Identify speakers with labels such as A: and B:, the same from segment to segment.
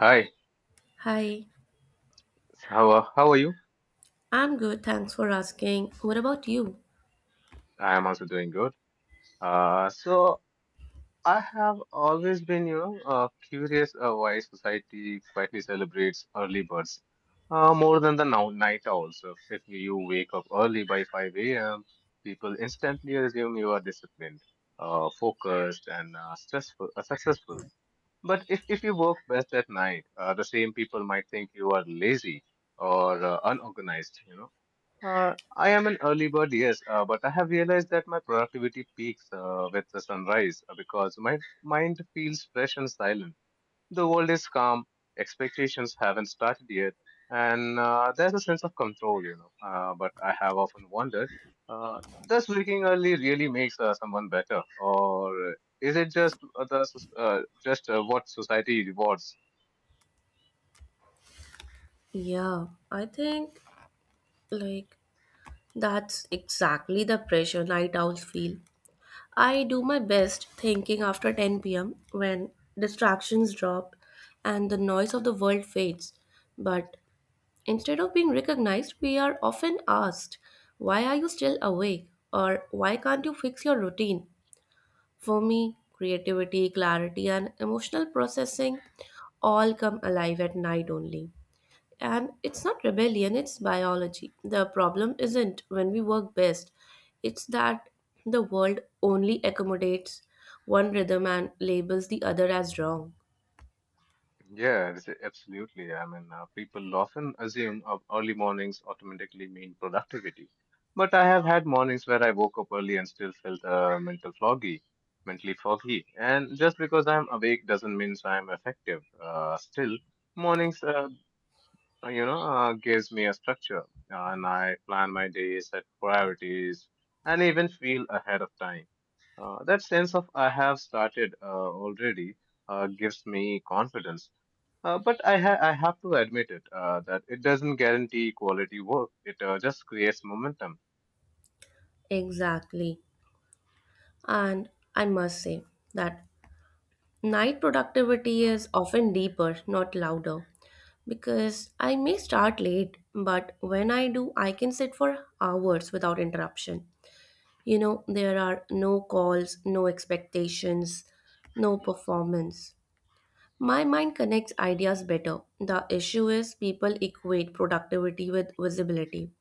A: Hi,
B: Hi,
A: how are you?
B: I'm good, thanks for asking. What about you?
A: I am also doing good. So I have always been, curious why society quietly celebrates early birds more than the now night owls. So if you wake up early by 5 a.m., people instantly assume you are disciplined, focused, and successful. But if you work best at night, the same people might think you are lazy or unorganized. You know. I am an early bird, yes, but I have realized that my productivity peaks with the sunrise because my mind feels fresh and silent. The world is calm, expectations haven't started yet, and there's a sense of control, you know. But I have often wondered, does waking early really makes someone better, or is it just just what society rewards?
B: Yeah, I think like that's exactly the pressure night owls feel. I do my best thinking after 10 p.m. when distractions drop and the noise of the world fades. But instead of being recognized, we are often asked, "Why are you still awake?" or "Why can't you fix your routine?" For me, creativity, clarity, and emotional processing all come alive at night only. And it's not rebellion, it's biology. The problem isn't when we work best, it's that the world only accommodates one rhythm and labels the other as wrong.
A: Yeah, absolutely. I mean, people often assume of early mornings automatically mean productivity, but I have had mornings where I woke up early and still felt mentally foggy. And just because I'm awake doesn't mean so I'm effective. Still, mornings, gives me a structure, and I plan my day, set priorities, and even feel ahead of time. That sense of I have started already gives me confidence but I have to admit it that it doesn't guarantee quality work. It just creates momentum.
B: Exactly. And I must say that night productivity is often deeper, not louder, because I may start late, but when I do, I can sit for hours without interruption. You know, there are no calls, no expectations, no performance. My mind connects ideas better. The issue is people equate productivity with visibility.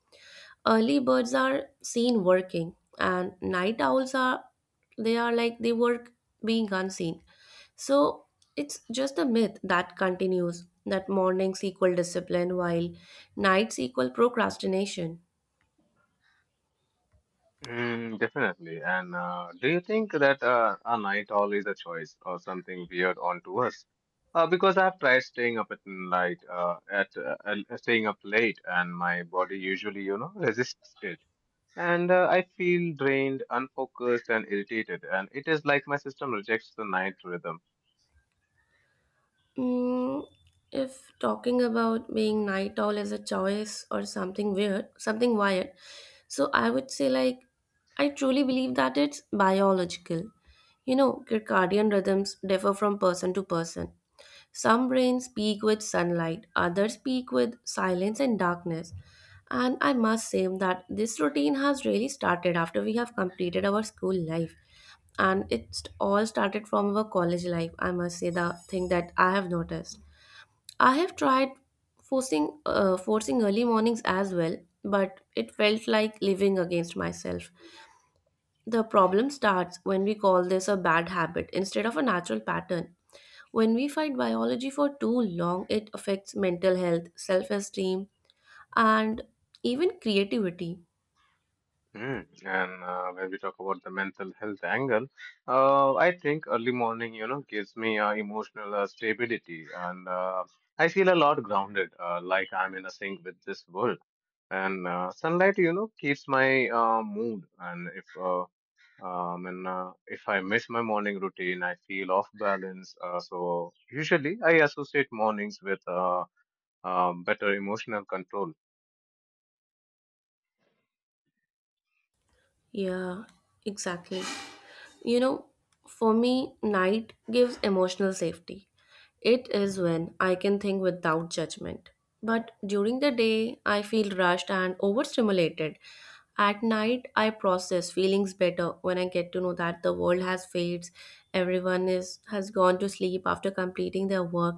B: Early birds are seen working and night owls are, they are like they work being unseen, so it's just a myth that continues, that mornings equal discipline while nights equal procrastination.
A: Mm, definitely. And do you think that a night owl is a choice or something weird onto us? Because I've tried staying up at night, at staying up late, and my body usually, you know, resists it. And I feel drained, unfocused, and irritated. And it is like my system rejects the night rhythm.
B: mm, if talking about being night owl as a choice or something weird, something wired, so I would say like I truly believe that it's biological. You know, circadian rhythms differ from person to person. Some brains speak with sunlight, others speak with silence and darkness. And I must say that this routine has really started after we have completed our school life. And it's all started from our college life, I must say, the thing that I have noticed. I have tried forcing early mornings as well, but it felt like living against myself. The problem starts when we call this a bad habit instead of a natural pattern. When we fight biology for too long, it affects mental health, self esteem, and even creativity.
A: Mm. And when we talk about the mental health angle, I think early morning, you know, gives me emotional stability, and I feel a lot grounded, like I'm in a sync with this world. And sunlight, you know, keeps my mood. And if I miss my morning routine, I feel off balance. So usually, I associate mornings with better emotional control.
B: Yeah, exactly. You know, for me, night gives emotional safety. It is when I can think without judgment. But during the day, I feel rushed and overstimulated. At night, I process feelings better when I get to know that the world has fades, everyone is has gone to sleep after completing their work,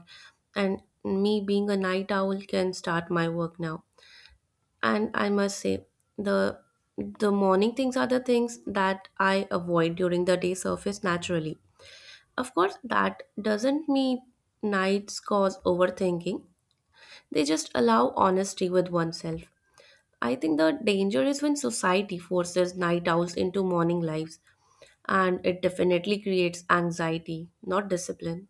B: and me being a night owl can start my work now. And I must say, the the morning things are the things that I avoid during the day surface naturally. Of course, that doesn't mean nights cause overthinking. They just allow honesty with oneself. I think the danger is when society forces night owls into morning lives, and it definitely creates anxiety, not discipline.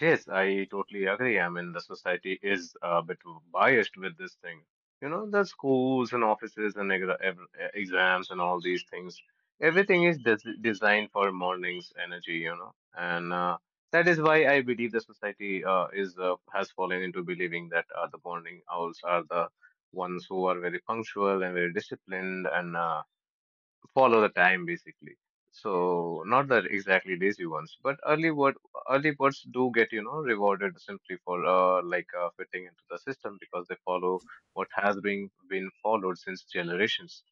A: Yes, I totally agree. I mean, the society is a bit biased with this thing. You know, the schools and offices and exams and all these things, everything is designed for morning's energy, you know. And that is why I believe the society is has fallen into believing that the morning owls are the ones who are very punctual and very disciplined and follow the time basically. So not the exactly lazy ones, but early birds do get, you know, rewarded simply for fitting into the system because they follow what has been followed since generations.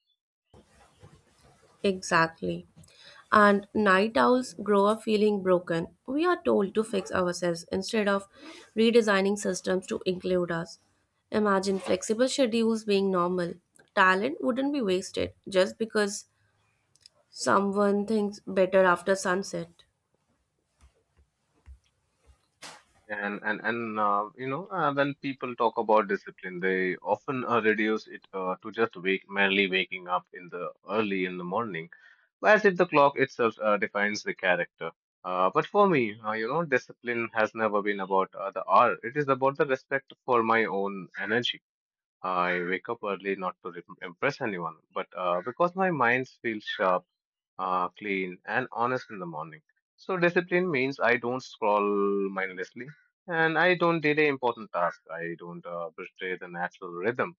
B: Exactly. And night owls grow up feeling broken. We are told to fix ourselves instead of redesigning systems to include us. Imagine flexible schedules being normal. Talent wouldn't be wasted just because someone thinks better after sunset.
A: And you know when people talk about discipline, they often reduce it to just wake merely waking up in the early in the morning. Well, as if the clock itself defines the character. But for me, you know, discipline has never been about the hour. It is about the respect for my own energy. I wake up early not to impress anyone, but because my mind feels sharp, clean, and honest in the morning. So discipline means I don't scroll mindlessly, and I don't delay important tasks. I don't betray the natural rhythm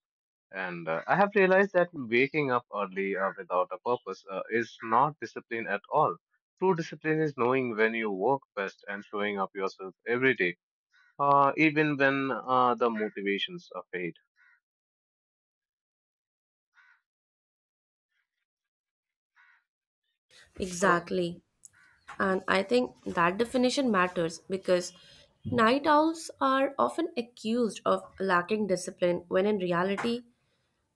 A: and I have realized that waking up early without a purpose is not discipline at all. True discipline is knowing when you work best and showing up yourself every day, even when the motivations are fade. Oh.
B: Exactly.
A: Mhm.
B: And I think that definition matters because night owls are often accused of lacking discipline when, in reality,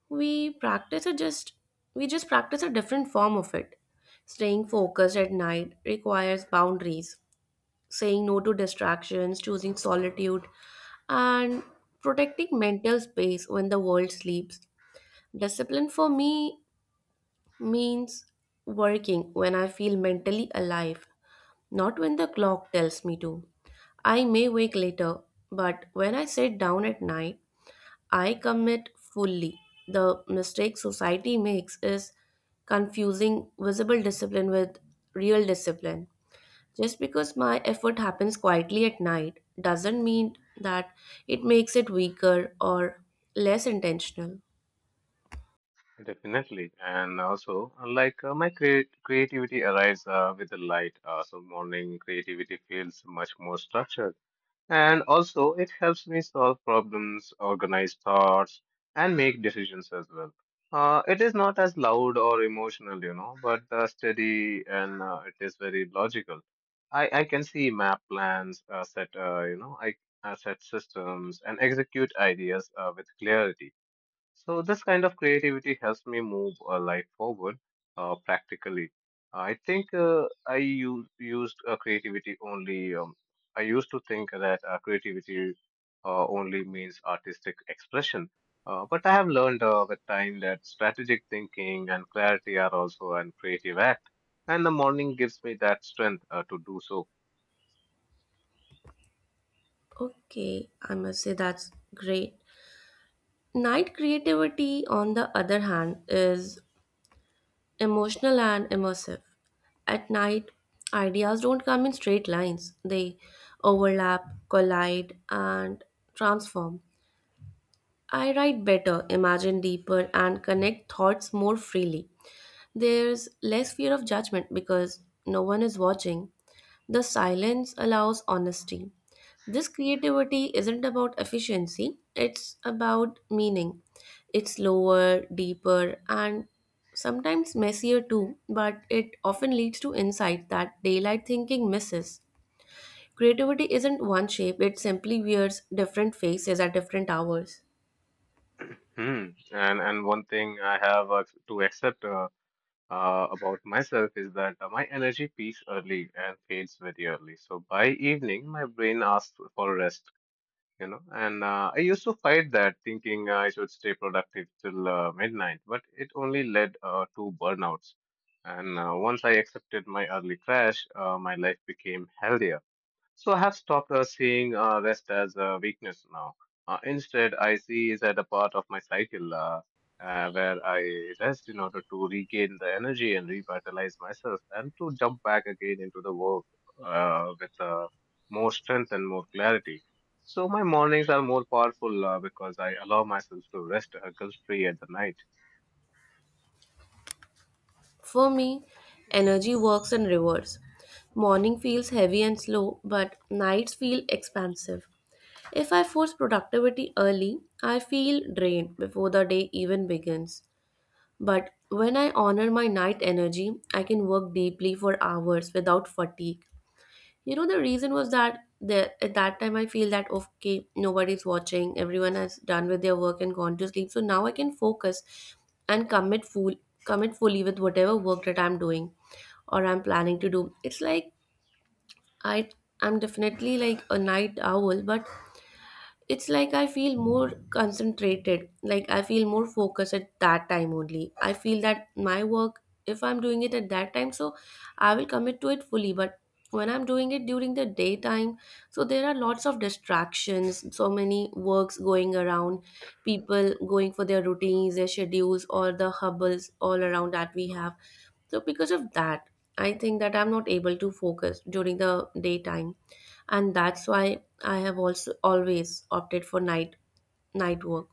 B: we practice a just we just practice a different form of it. Staying focused at night requires boundaries, saying no to distractions, choosing solitude, and protecting mental space when the world sleeps. Discipline for me means working when I feel mentally alive, not when the clock tells me to. I may wake later, but when I sit down at night, I commit fully. The mistake society makes is confusing visible discipline with real discipline. Just because my effort happens quietly at night doesn't mean that it makes it weaker or less intentional.
A: Definitely. And also, my creativity arrives with the light. So morning creativity feels much more structured. And also, it helps me solve problems, organize thoughts, and make decisions as well. It is not as loud or emotional, you know, but steady and it is very logical. I can see map plans, set, you know, I set systems and execute ideas with clarity. So this kind of creativity helps me move life forward practically. I think I u- used creativity only. I used to think that creativity only means artistic expression, but I have learned with time that strategic thinking and clarity are also an creative act. And the morning gives me that strength to do so.
B: Okay, I must say that's great. Night creativity, on the other hand, is emotional and immersive. At night, ideas don't come in straight lines, they overlap, collide, and transform. I write better, imagine deeper, and connect thoughts more freely. There's less fear of judgment because no one is watching, the silence allows honesty. This creativity isn't about efficiency, it's about meaning. It's slower, deeper, and sometimes messier too, but it often leads to insight that daylight thinking misses. Creativity isn't one shape, it simply wears different faces at different hours.
A: Hmm. And one thing I have to accept about myself is that my energy peaks early and fades very early. So by evening, my brain asks for rest, you know. And I used to fight that, thinking I should stay productive till midnight, but it only led to burnouts. And once I accepted my early crash, my life became healthier. So I have stopped seeing rest as a weakness now. Instead, I see it as a part of my cycle where I rest in order to regain the energy and revitalize myself and to jump back again into the work with more strength and more clarity. So my mornings are more powerful because I allow myself to rest guilt-free at the night.
B: For me, energy works in reverse. Morning feels heavy and slow, but nights feel expansive. If I force productivity early, I feel drained before the day even begins. But when I honor my night energy, I can work deeply for hours without fatigue. You know, the reason was that there, at that time I feel that okay, nobody's watching, everyone has done with their work and gone to sleep. So now I can focus and commit fully with whatever work that I'm doing or I'm planning to do. It's like I I'm definitely like a night owl, but it's like I feel more concentrated, like I feel more focused at that time only. I feel that my work, if I'm doing it at that time, so I will commit to it fully. But when I'm doing it during the daytime, so there are lots of distractions, so many works going around, people going for their routines, their schedules, or the hubbles all around that we have, so because of that, I think that I'm not able to focus during the daytime, and that's why I have also always opted for night work.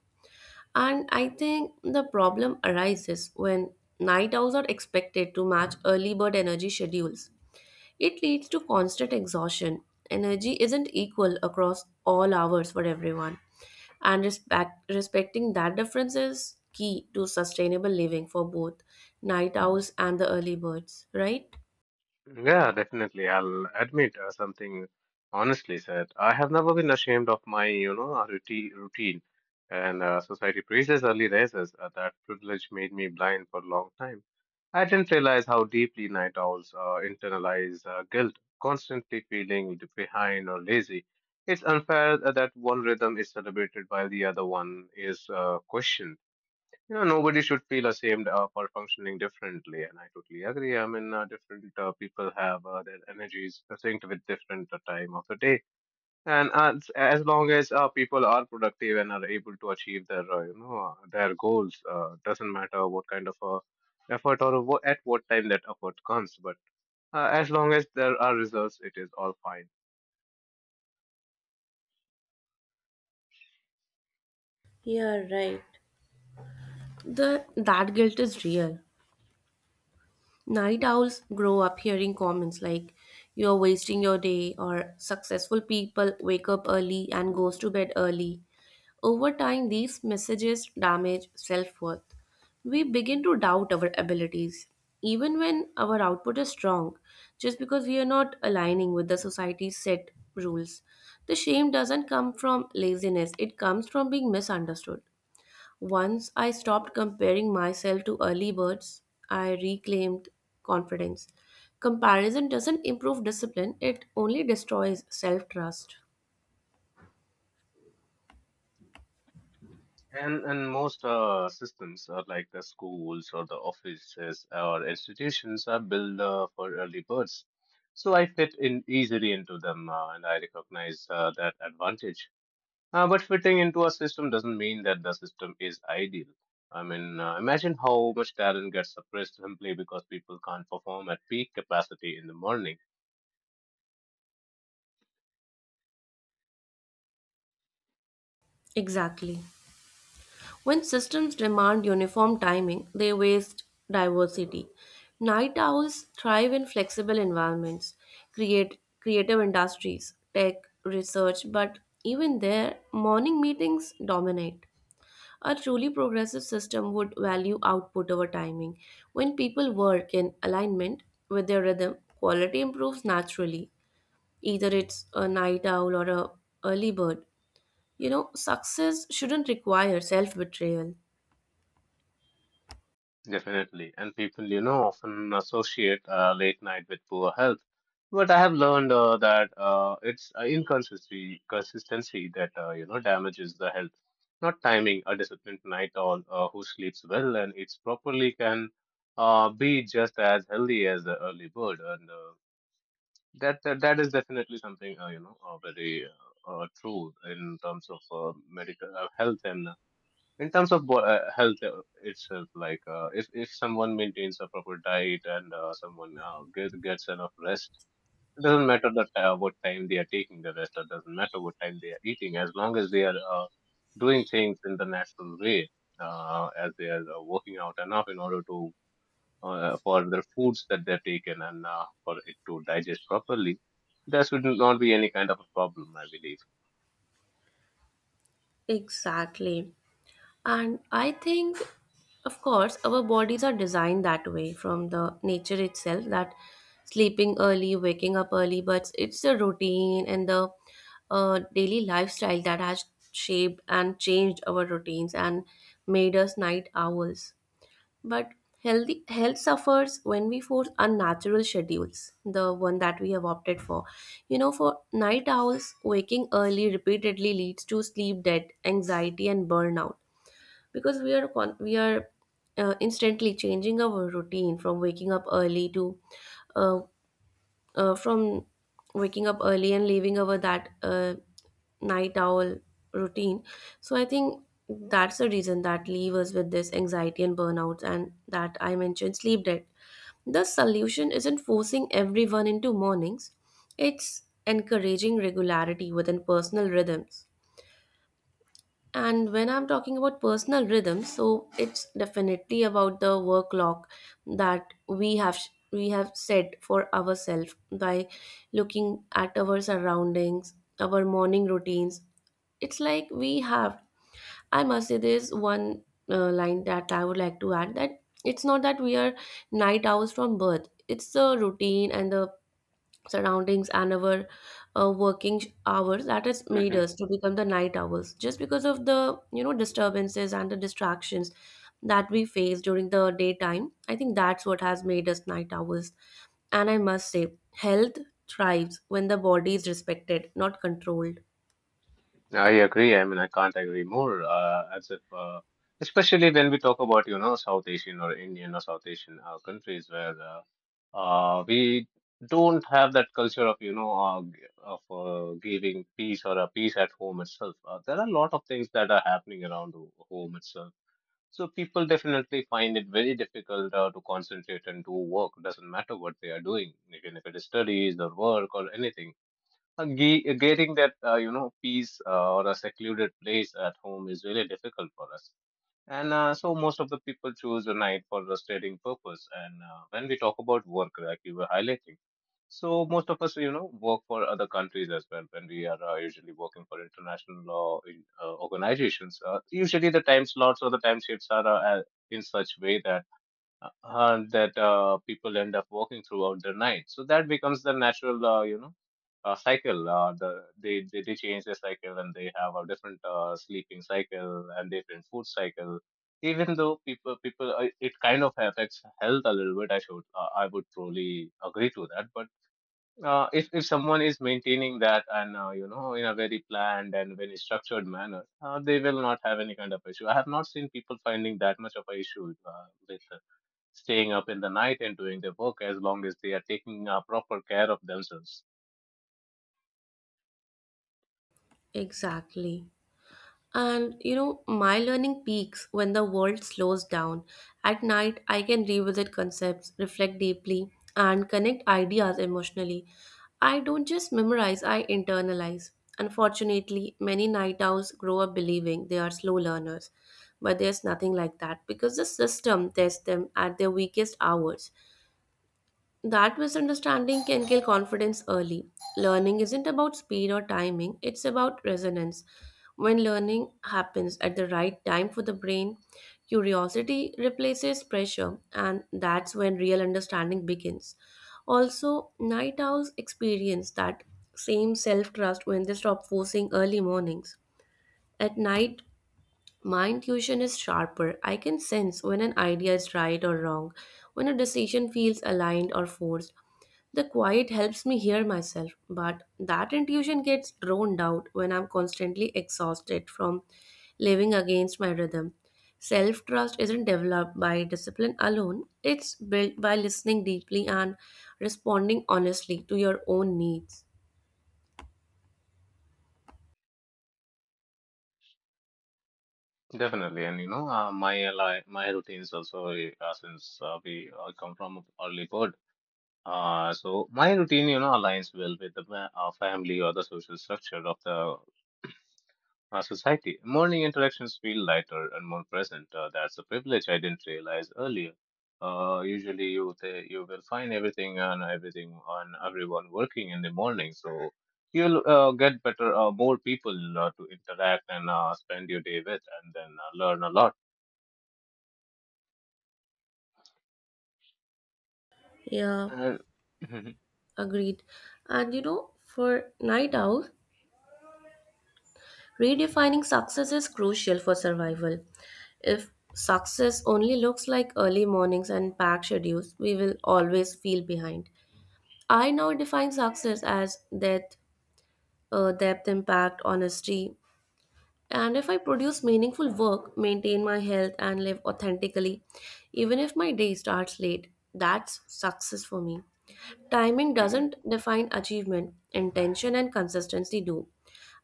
B: And I think the problem arises when night owls are expected to match early bird energy schedules. It leads to constant exhaustion. Energy isn't equal across all hours for everyone, and respecting that difference is key to sustainable living for both night owls and the early birds, right?
A: Yeah, definitely. I'll admit something honestly said. I have never been ashamed of my, you know, routine. And society praises early risers. That privilege made me blind for a long time. I didn't realize how deeply night owls internalize guilt, constantly feeling behind or lazy. It's unfair that one rhythm is celebrated while the other one is questioned. You know, nobody should feel ashamed for functioning differently, and I totally agree. I mean, different people have their energies synced with different time of the day, and as long as people are productive and are able to achieve their their goals, doesn't matter what kind of effort or at what time that effort comes, but as long as there are results, it is all fine.
B: Yeah, right. The that guilt is real. Night owls grow up hearing comments like, "You're wasting your day" or "Successful people wake up early and goes to bed early." Over time these messages damage self-worth. We begin to doubt our abilities even when our output is strong, just because we are not aligning with the society's set rules. The shame doesn't come from laziness, it comes from being misunderstood. Once I stopped comparing myself to early birds, I reclaimed confidence. Comparison doesn't improve discipline, it only destroys self trust.
A: And most systems are like the schools or the offices or institutions are built for early birds. So I fit in easily into them and I recognize that advantage. But fitting into a system doesn't mean that the system is ideal. I mean, imagine how much talent gets suppressed simply because people can't perform at peak capacity in the morning.
B: Exactly. When systems demand uniform timing, they waste diversity. Night owls thrive in flexible environments, create creative industries, tech, research, but even there, morning meetings dominate. A truly progressive system would value output over timing. When people work in alignment with their rhythm, quality improves naturally. Either it's a night owl or a early bird. You know, success shouldn't require self-betrayal.
A: Definitely. And people, you know, often associate late night with poor health. But I have learned that it's inconsistency consistency that, you know, damages the health. Not timing, a disciplined night owl who sleeps well and eats properly can be just as healthy as the early bird. And that is definitely something, you know, very true in terms of medical health and in terms of health itself, like if someone maintains a proper diet and someone gets enough rest, it doesn't matter that what time they are taking the rest, or doesn't matter what time they are eating, as long as they are doing things in the natural way, as they are working out enough in order to for the foods that they're taken and for it to digest properly, there should not be any kind of a problem, I believe.
B: Exactly. And I think, of course, our bodies are designed that way from the nature itself, that sleeping early, waking up early, but it's the routine and the daily lifestyle that has shaped and changed our routines and made us night owls. But healthy health suffers when we force unnatural schedules, the one that we have opted for. You know, for night owls, waking early repeatedly leads to sleep debt, anxiety, and burnout because we are instantly changing our routine from waking up early to uh, from waking up early and leaving our that night owl routine. So I think that's the reason that leave us with this anxiety and burnouts, and that I mentioned sleep debt. The solution isn't forcing everyone into mornings, it's encouraging regularity within personal rhythms. And when I'm talking about personal rhythms, so it's definitely about the work clock that we have set for ourselves by looking at our surroundings, our morning routines. It's like we have. I must say, there's one line that I would like to add, that it's not that we are night owls from birth. It's the routine and the surroundings and our working hours that has made
A: Mm-hmm.
B: us to become the night owls, just because of the you know disturbances and the distractions that we face during the daytime. I think that's what has made us night owls. And I must say, health thrives when the body is respected, not controlled.
A: I agree. I mean, I can't agree more. As if, especially when we talk about, you know, South Asian or Indian or South Asian countries where we don't have that culture of, you know, g- of giving peace or a peace at home itself. There are a lot of things that are happening around the home itself. So people definitely find it very difficult to concentrate and do work. Doesn't matter what they are doing, even if it is studies or work or anything getting that peace or a secluded place at home is really difficult for us, and so most of the people choose a night for restorating purpose. And when we talk about work, like you were highlighting, so most of us, you know, work for other countries as well. When we are usually working for international law in, organizations, usually the time slots or the time shifts are in such way that people end up working throughout the night. So that becomes the natural, cycle. They change the cycle, and they have a different sleeping cycle and different food cycle. Even though people it kind of affects health a little bit. I would probably agree to that. But if someone is maintaining that and, you know, in a very planned and very structured manner, they will not have any kind of issue. I have not seen people finding that much of a issue with staying up in the night and doing their work as long as they are taking proper care of themselves.
B: Exactly. And you know, my learning peaks when the world slows down. At night, I can revisit concepts, reflect deeply, and connect ideas emotionally. I don't just memorize, I internalize. Unfortunately, many night owls grow up believing they are slow learners, but there's nothing like that because the system tests them at their weakest hours. That misunderstanding can kill confidence early. Learning isn't about speed or timing, it's about resonance. When learning happens at the right time for the brain, curiosity replaces pressure, and that's when real understanding begins. Also, night owls experience that same self trust when they stop forcing early mornings. At night, my intuition is sharper. I can sense when an idea is right or wrong, when a decision feels aligned or forced. The quiet helps me hear myself, but that intuition gets drowned out when I'm constantly exhausted from living against my rhythm. Self trust isn't developed by discipline alone, it's built by listening deeply and responding honestly to your own needs.
A: Definitely, and you know, my routines also, since we come from a early bird. So my routine, you know, aligns well with the family or the social structure of the our society. Morning interactions feel lighter and more present. That's a privilege I didn't realize earlier. Usually, you will find everything and everything on everyone working in the morning, so you'll get better, more people to interact and spend your day with, and then learn a lot.
B: Yeah,
A: Uh,
B: agreed. And you know, for night owl, redefining success is crucial for survival. If success only looks like early mornings and packed schedules, we will always feel behind. I now define success as depth, depth, impact, honesty. And if I produce meaningful work, maintain my health, and live authentically, even if my day starts late, that's success for me. Timing doesn't define achievement, intention and consistency do.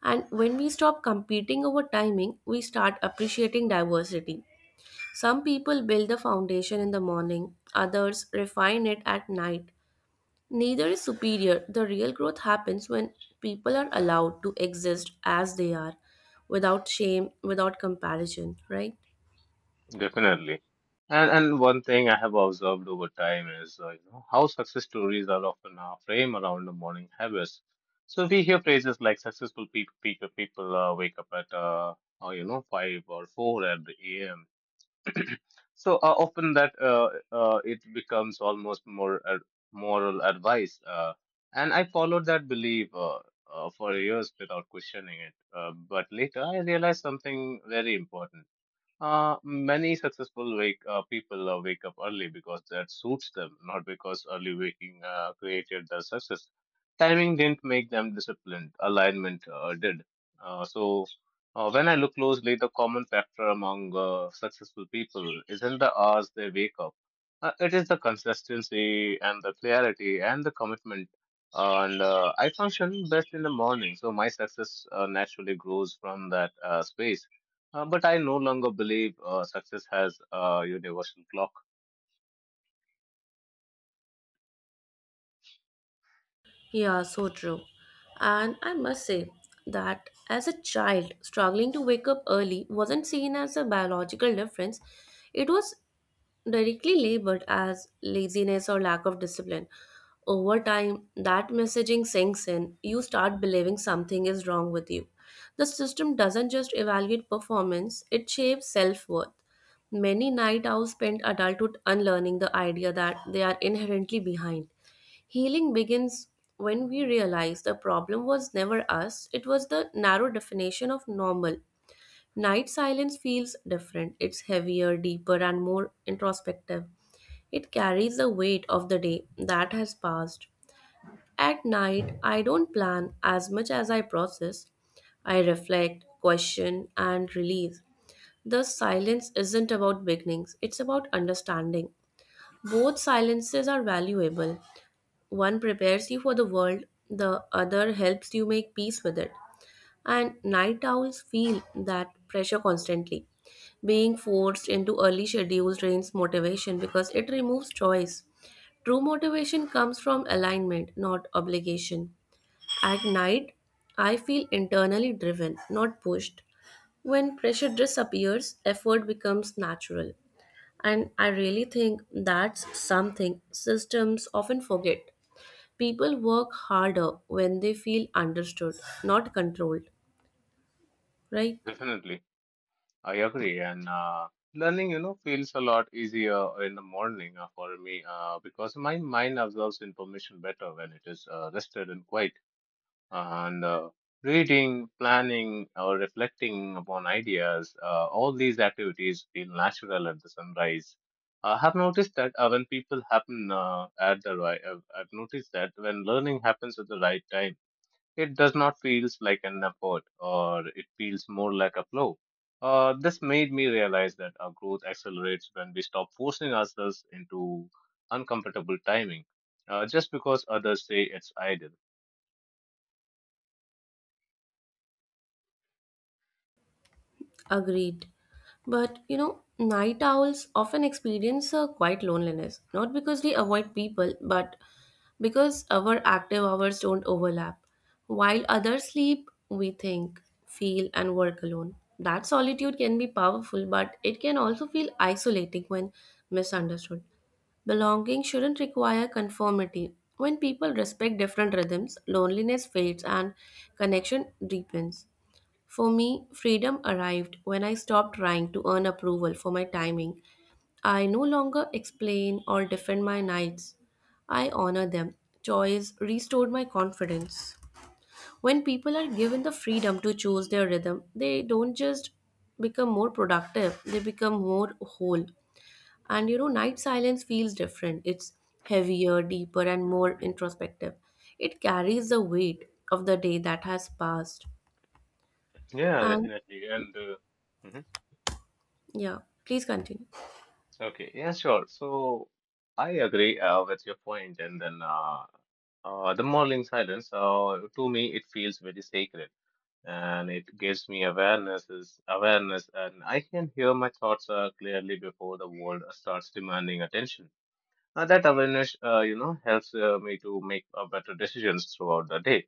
B: And when we stop competing over timing, we start appreciating diversity. Some people build the foundation in the morning, others refine it at night. Neither is superior. The real growth happens when people are allowed to exist as they are, without shame, without comparison, right?
A: Definitely. And one thing I have observed over time is, you know, how success stories are often framed around the morning habits. So we hear phrases like successful people wake up at you know, five or four at the a.m. So often that it becomes almost more ad moral advice. And I followed that belief for years without questioning it. But later I realized something very important. Many successful wake people wake up early because that suits them, not because early waking created their success. Timing didn't make them disciplined, alignment did. So, when I look closely, the common factor among successful people isn't the hours they wake up, it is the consistency and the clarity and the commitment. And I function best in the morning, so my success naturally grows from that space, but I no longer believe success has a universal clock.
B: Yeah, so true. And I must say that as a child, struggling to wake up early wasn't seen as a biological difference, it was directly labored as laziness or lack of discipline. Over time, that messaging sinks in. You start believing something is wrong with you. The system doesn't just evaluate performance, it shapes self worth. Many night owls spend adulthood unlearning the idea that they are inherently behind. Healing begins when we realize the problem was never us, it was the narrow definition of normal. Night silence feels different. It's heavier, deeper, and more introspective. It carries the weight of the day that has passed. At night, I don't plan as much as I process. I reflect, question, and release. Thus, silence isn't about beginnings, it's about understanding. Both silences are valuable. One prepares you for the world, the other helps you make peace with it. And night owls feel that pressure constantly. Being forced into early schedules drains motivation because it removes choice. True motivation comes from alignment, not obligation. At night, I feel internally driven, not pushed. When pressure disappears, effort becomes natural. And I really think that's something systems often forget. People work harder when they feel understood, not controlled. Right?
A: Definitely, I agree. And learning, you know, feels a lot easier in the morning for me because my mind absorbs information better when it is rested and quiet. And reading, planning, or reflecting upon ideas, all these activities feel natural at the sunrise. I have noticed that when people happen at the right, I've noticed that when learning happens at the right time, it does not feels like an effort, or it feels more like a flow. This made me realize that our growth accelerates when we stop forcing ourselves into uncomfortable timing, just because others say it's ideal.
B: Agreed. But you know, night owls often experience a quiet loneliness, not because they avoid people, but because our active hours don't overlap. While others sleep, we think, feel, and work alone. That solitude can be powerful, but it can also feel isolating when misunderstood. Belonging shouldn't require conformity. When people respect different rhythms, loneliness fades and connection deepens. For me, freedom arrived when I stopped trying to earn approval for my timing. I no longer explain or defend my nights. I honor them. Choice restored my confidence. When people are given the freedom to choose their rhythm, they don't just become more productive, they become more whole. And you know, night silence feels different. It's heavier, deeper, and more introspective. It carries the weight of the day that has passed.
A: Yeah,
B: And
A: definitely. And mhm.
B: yeah, please continue.
A: Okay, yeah, sure. So I agree with your point, and then the morning silence. To me, it feels very sacred, and it gives me awareness, and I can hear my thoughts clearly before the world starts demanding attention. That awareness, helps me to make better decisions throughout the day.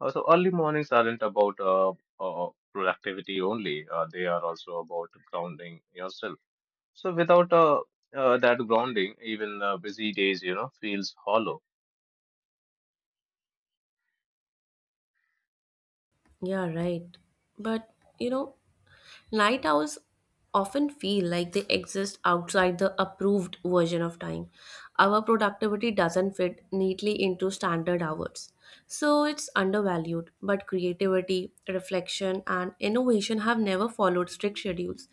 A: Also, early mornings aren't about productivity only, they are also about grounding yourself. So without that grounding, even busy days, you know, feels hollow.
B: Yeah, right. But you know, night owls often feel like they exist outside the approved version of time. Our productivity doesn't fit neatly into standard hours. So it's undervalued, but creativity, reflection, and innovation have never followed strict schedules.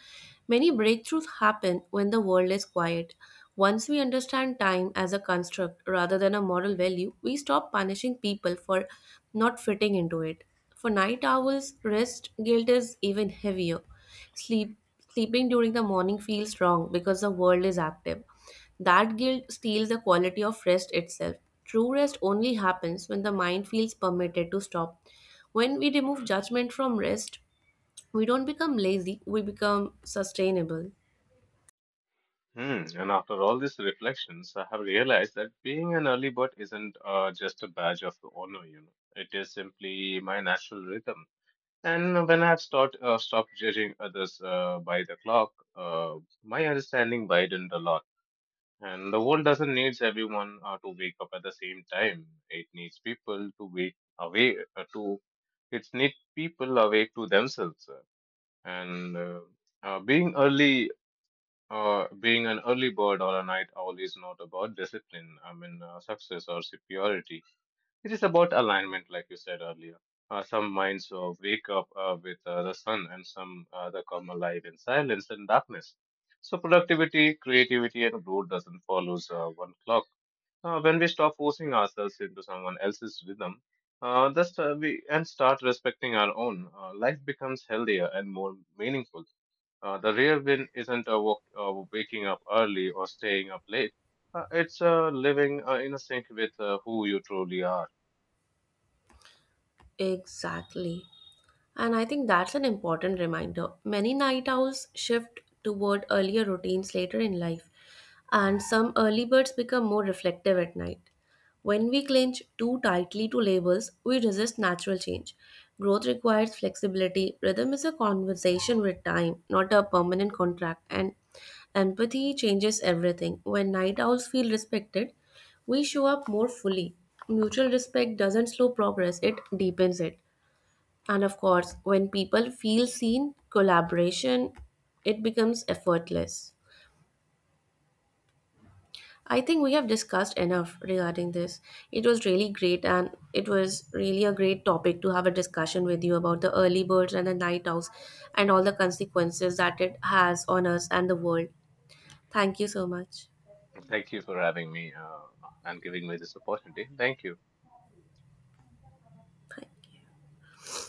B: Many breakthroughs happen when the world is quiet. Once we understand time as a construct rather than a moral value, we stop punishing people for not fitting into it. For night owls, rest guilt is even heavier. Sleep, Sleeping during the morning feels wrong because the world is active. That guilt steals the quality of rest itself. True rest only happens when the mind feels permitted to stop. When we remove judgment from rest, we don't become lazy, we become sustainable.
A: Hmm. And after all these reflections, I have realized that being an early bird isn't just a badge of honor, you know. It is simply my natural rhythm. And when I have stopped judging others by the clock, uh, my understanding widened a lot. And the world doesn't need everyone to wake up at the same time. It needs people to wake awake to. It needs people awake to themselves. And being early Being an early bird or a night owl is not about discipline, I mean, success or superiority. It is about alignment, like you said earlier. Some minds wake up with the sun, and some they come alive in silence and darkness. So, productivity, creativity, and growth doesn't follow one clock. When we stop forcing ourselves into someone else's rhythm, thus, we and start respecting our own, life becomes healthier and more meaningful. The real win isn't waking up early or staying up late. It's living in sync with who you truly are.
B: Exactly. And I think that's an important reminder. Many night owls shift toward earlier routines later in life, and some early birds become more reflective at night. When we clinch too tightly to labels, we resist natural change. Growth requires flexibility. Rhythm is a conversation with time, not a permanent contract. And empathy changes everything. When night owls feel respected, we show up more fully. Mutual respect doesn't slow progress, it deepens it. And of course, when people feel seen, collaboration it becomes effortless. I think we have discussed enough regarding this. It was really great and it was really a great topic to have a discussion with you about the early birds and the night owls and all the consequences that it has on us and the world. Thank you so much.
A: Thank you for having me and giving me this opportunity. Thank you.
B: Bye.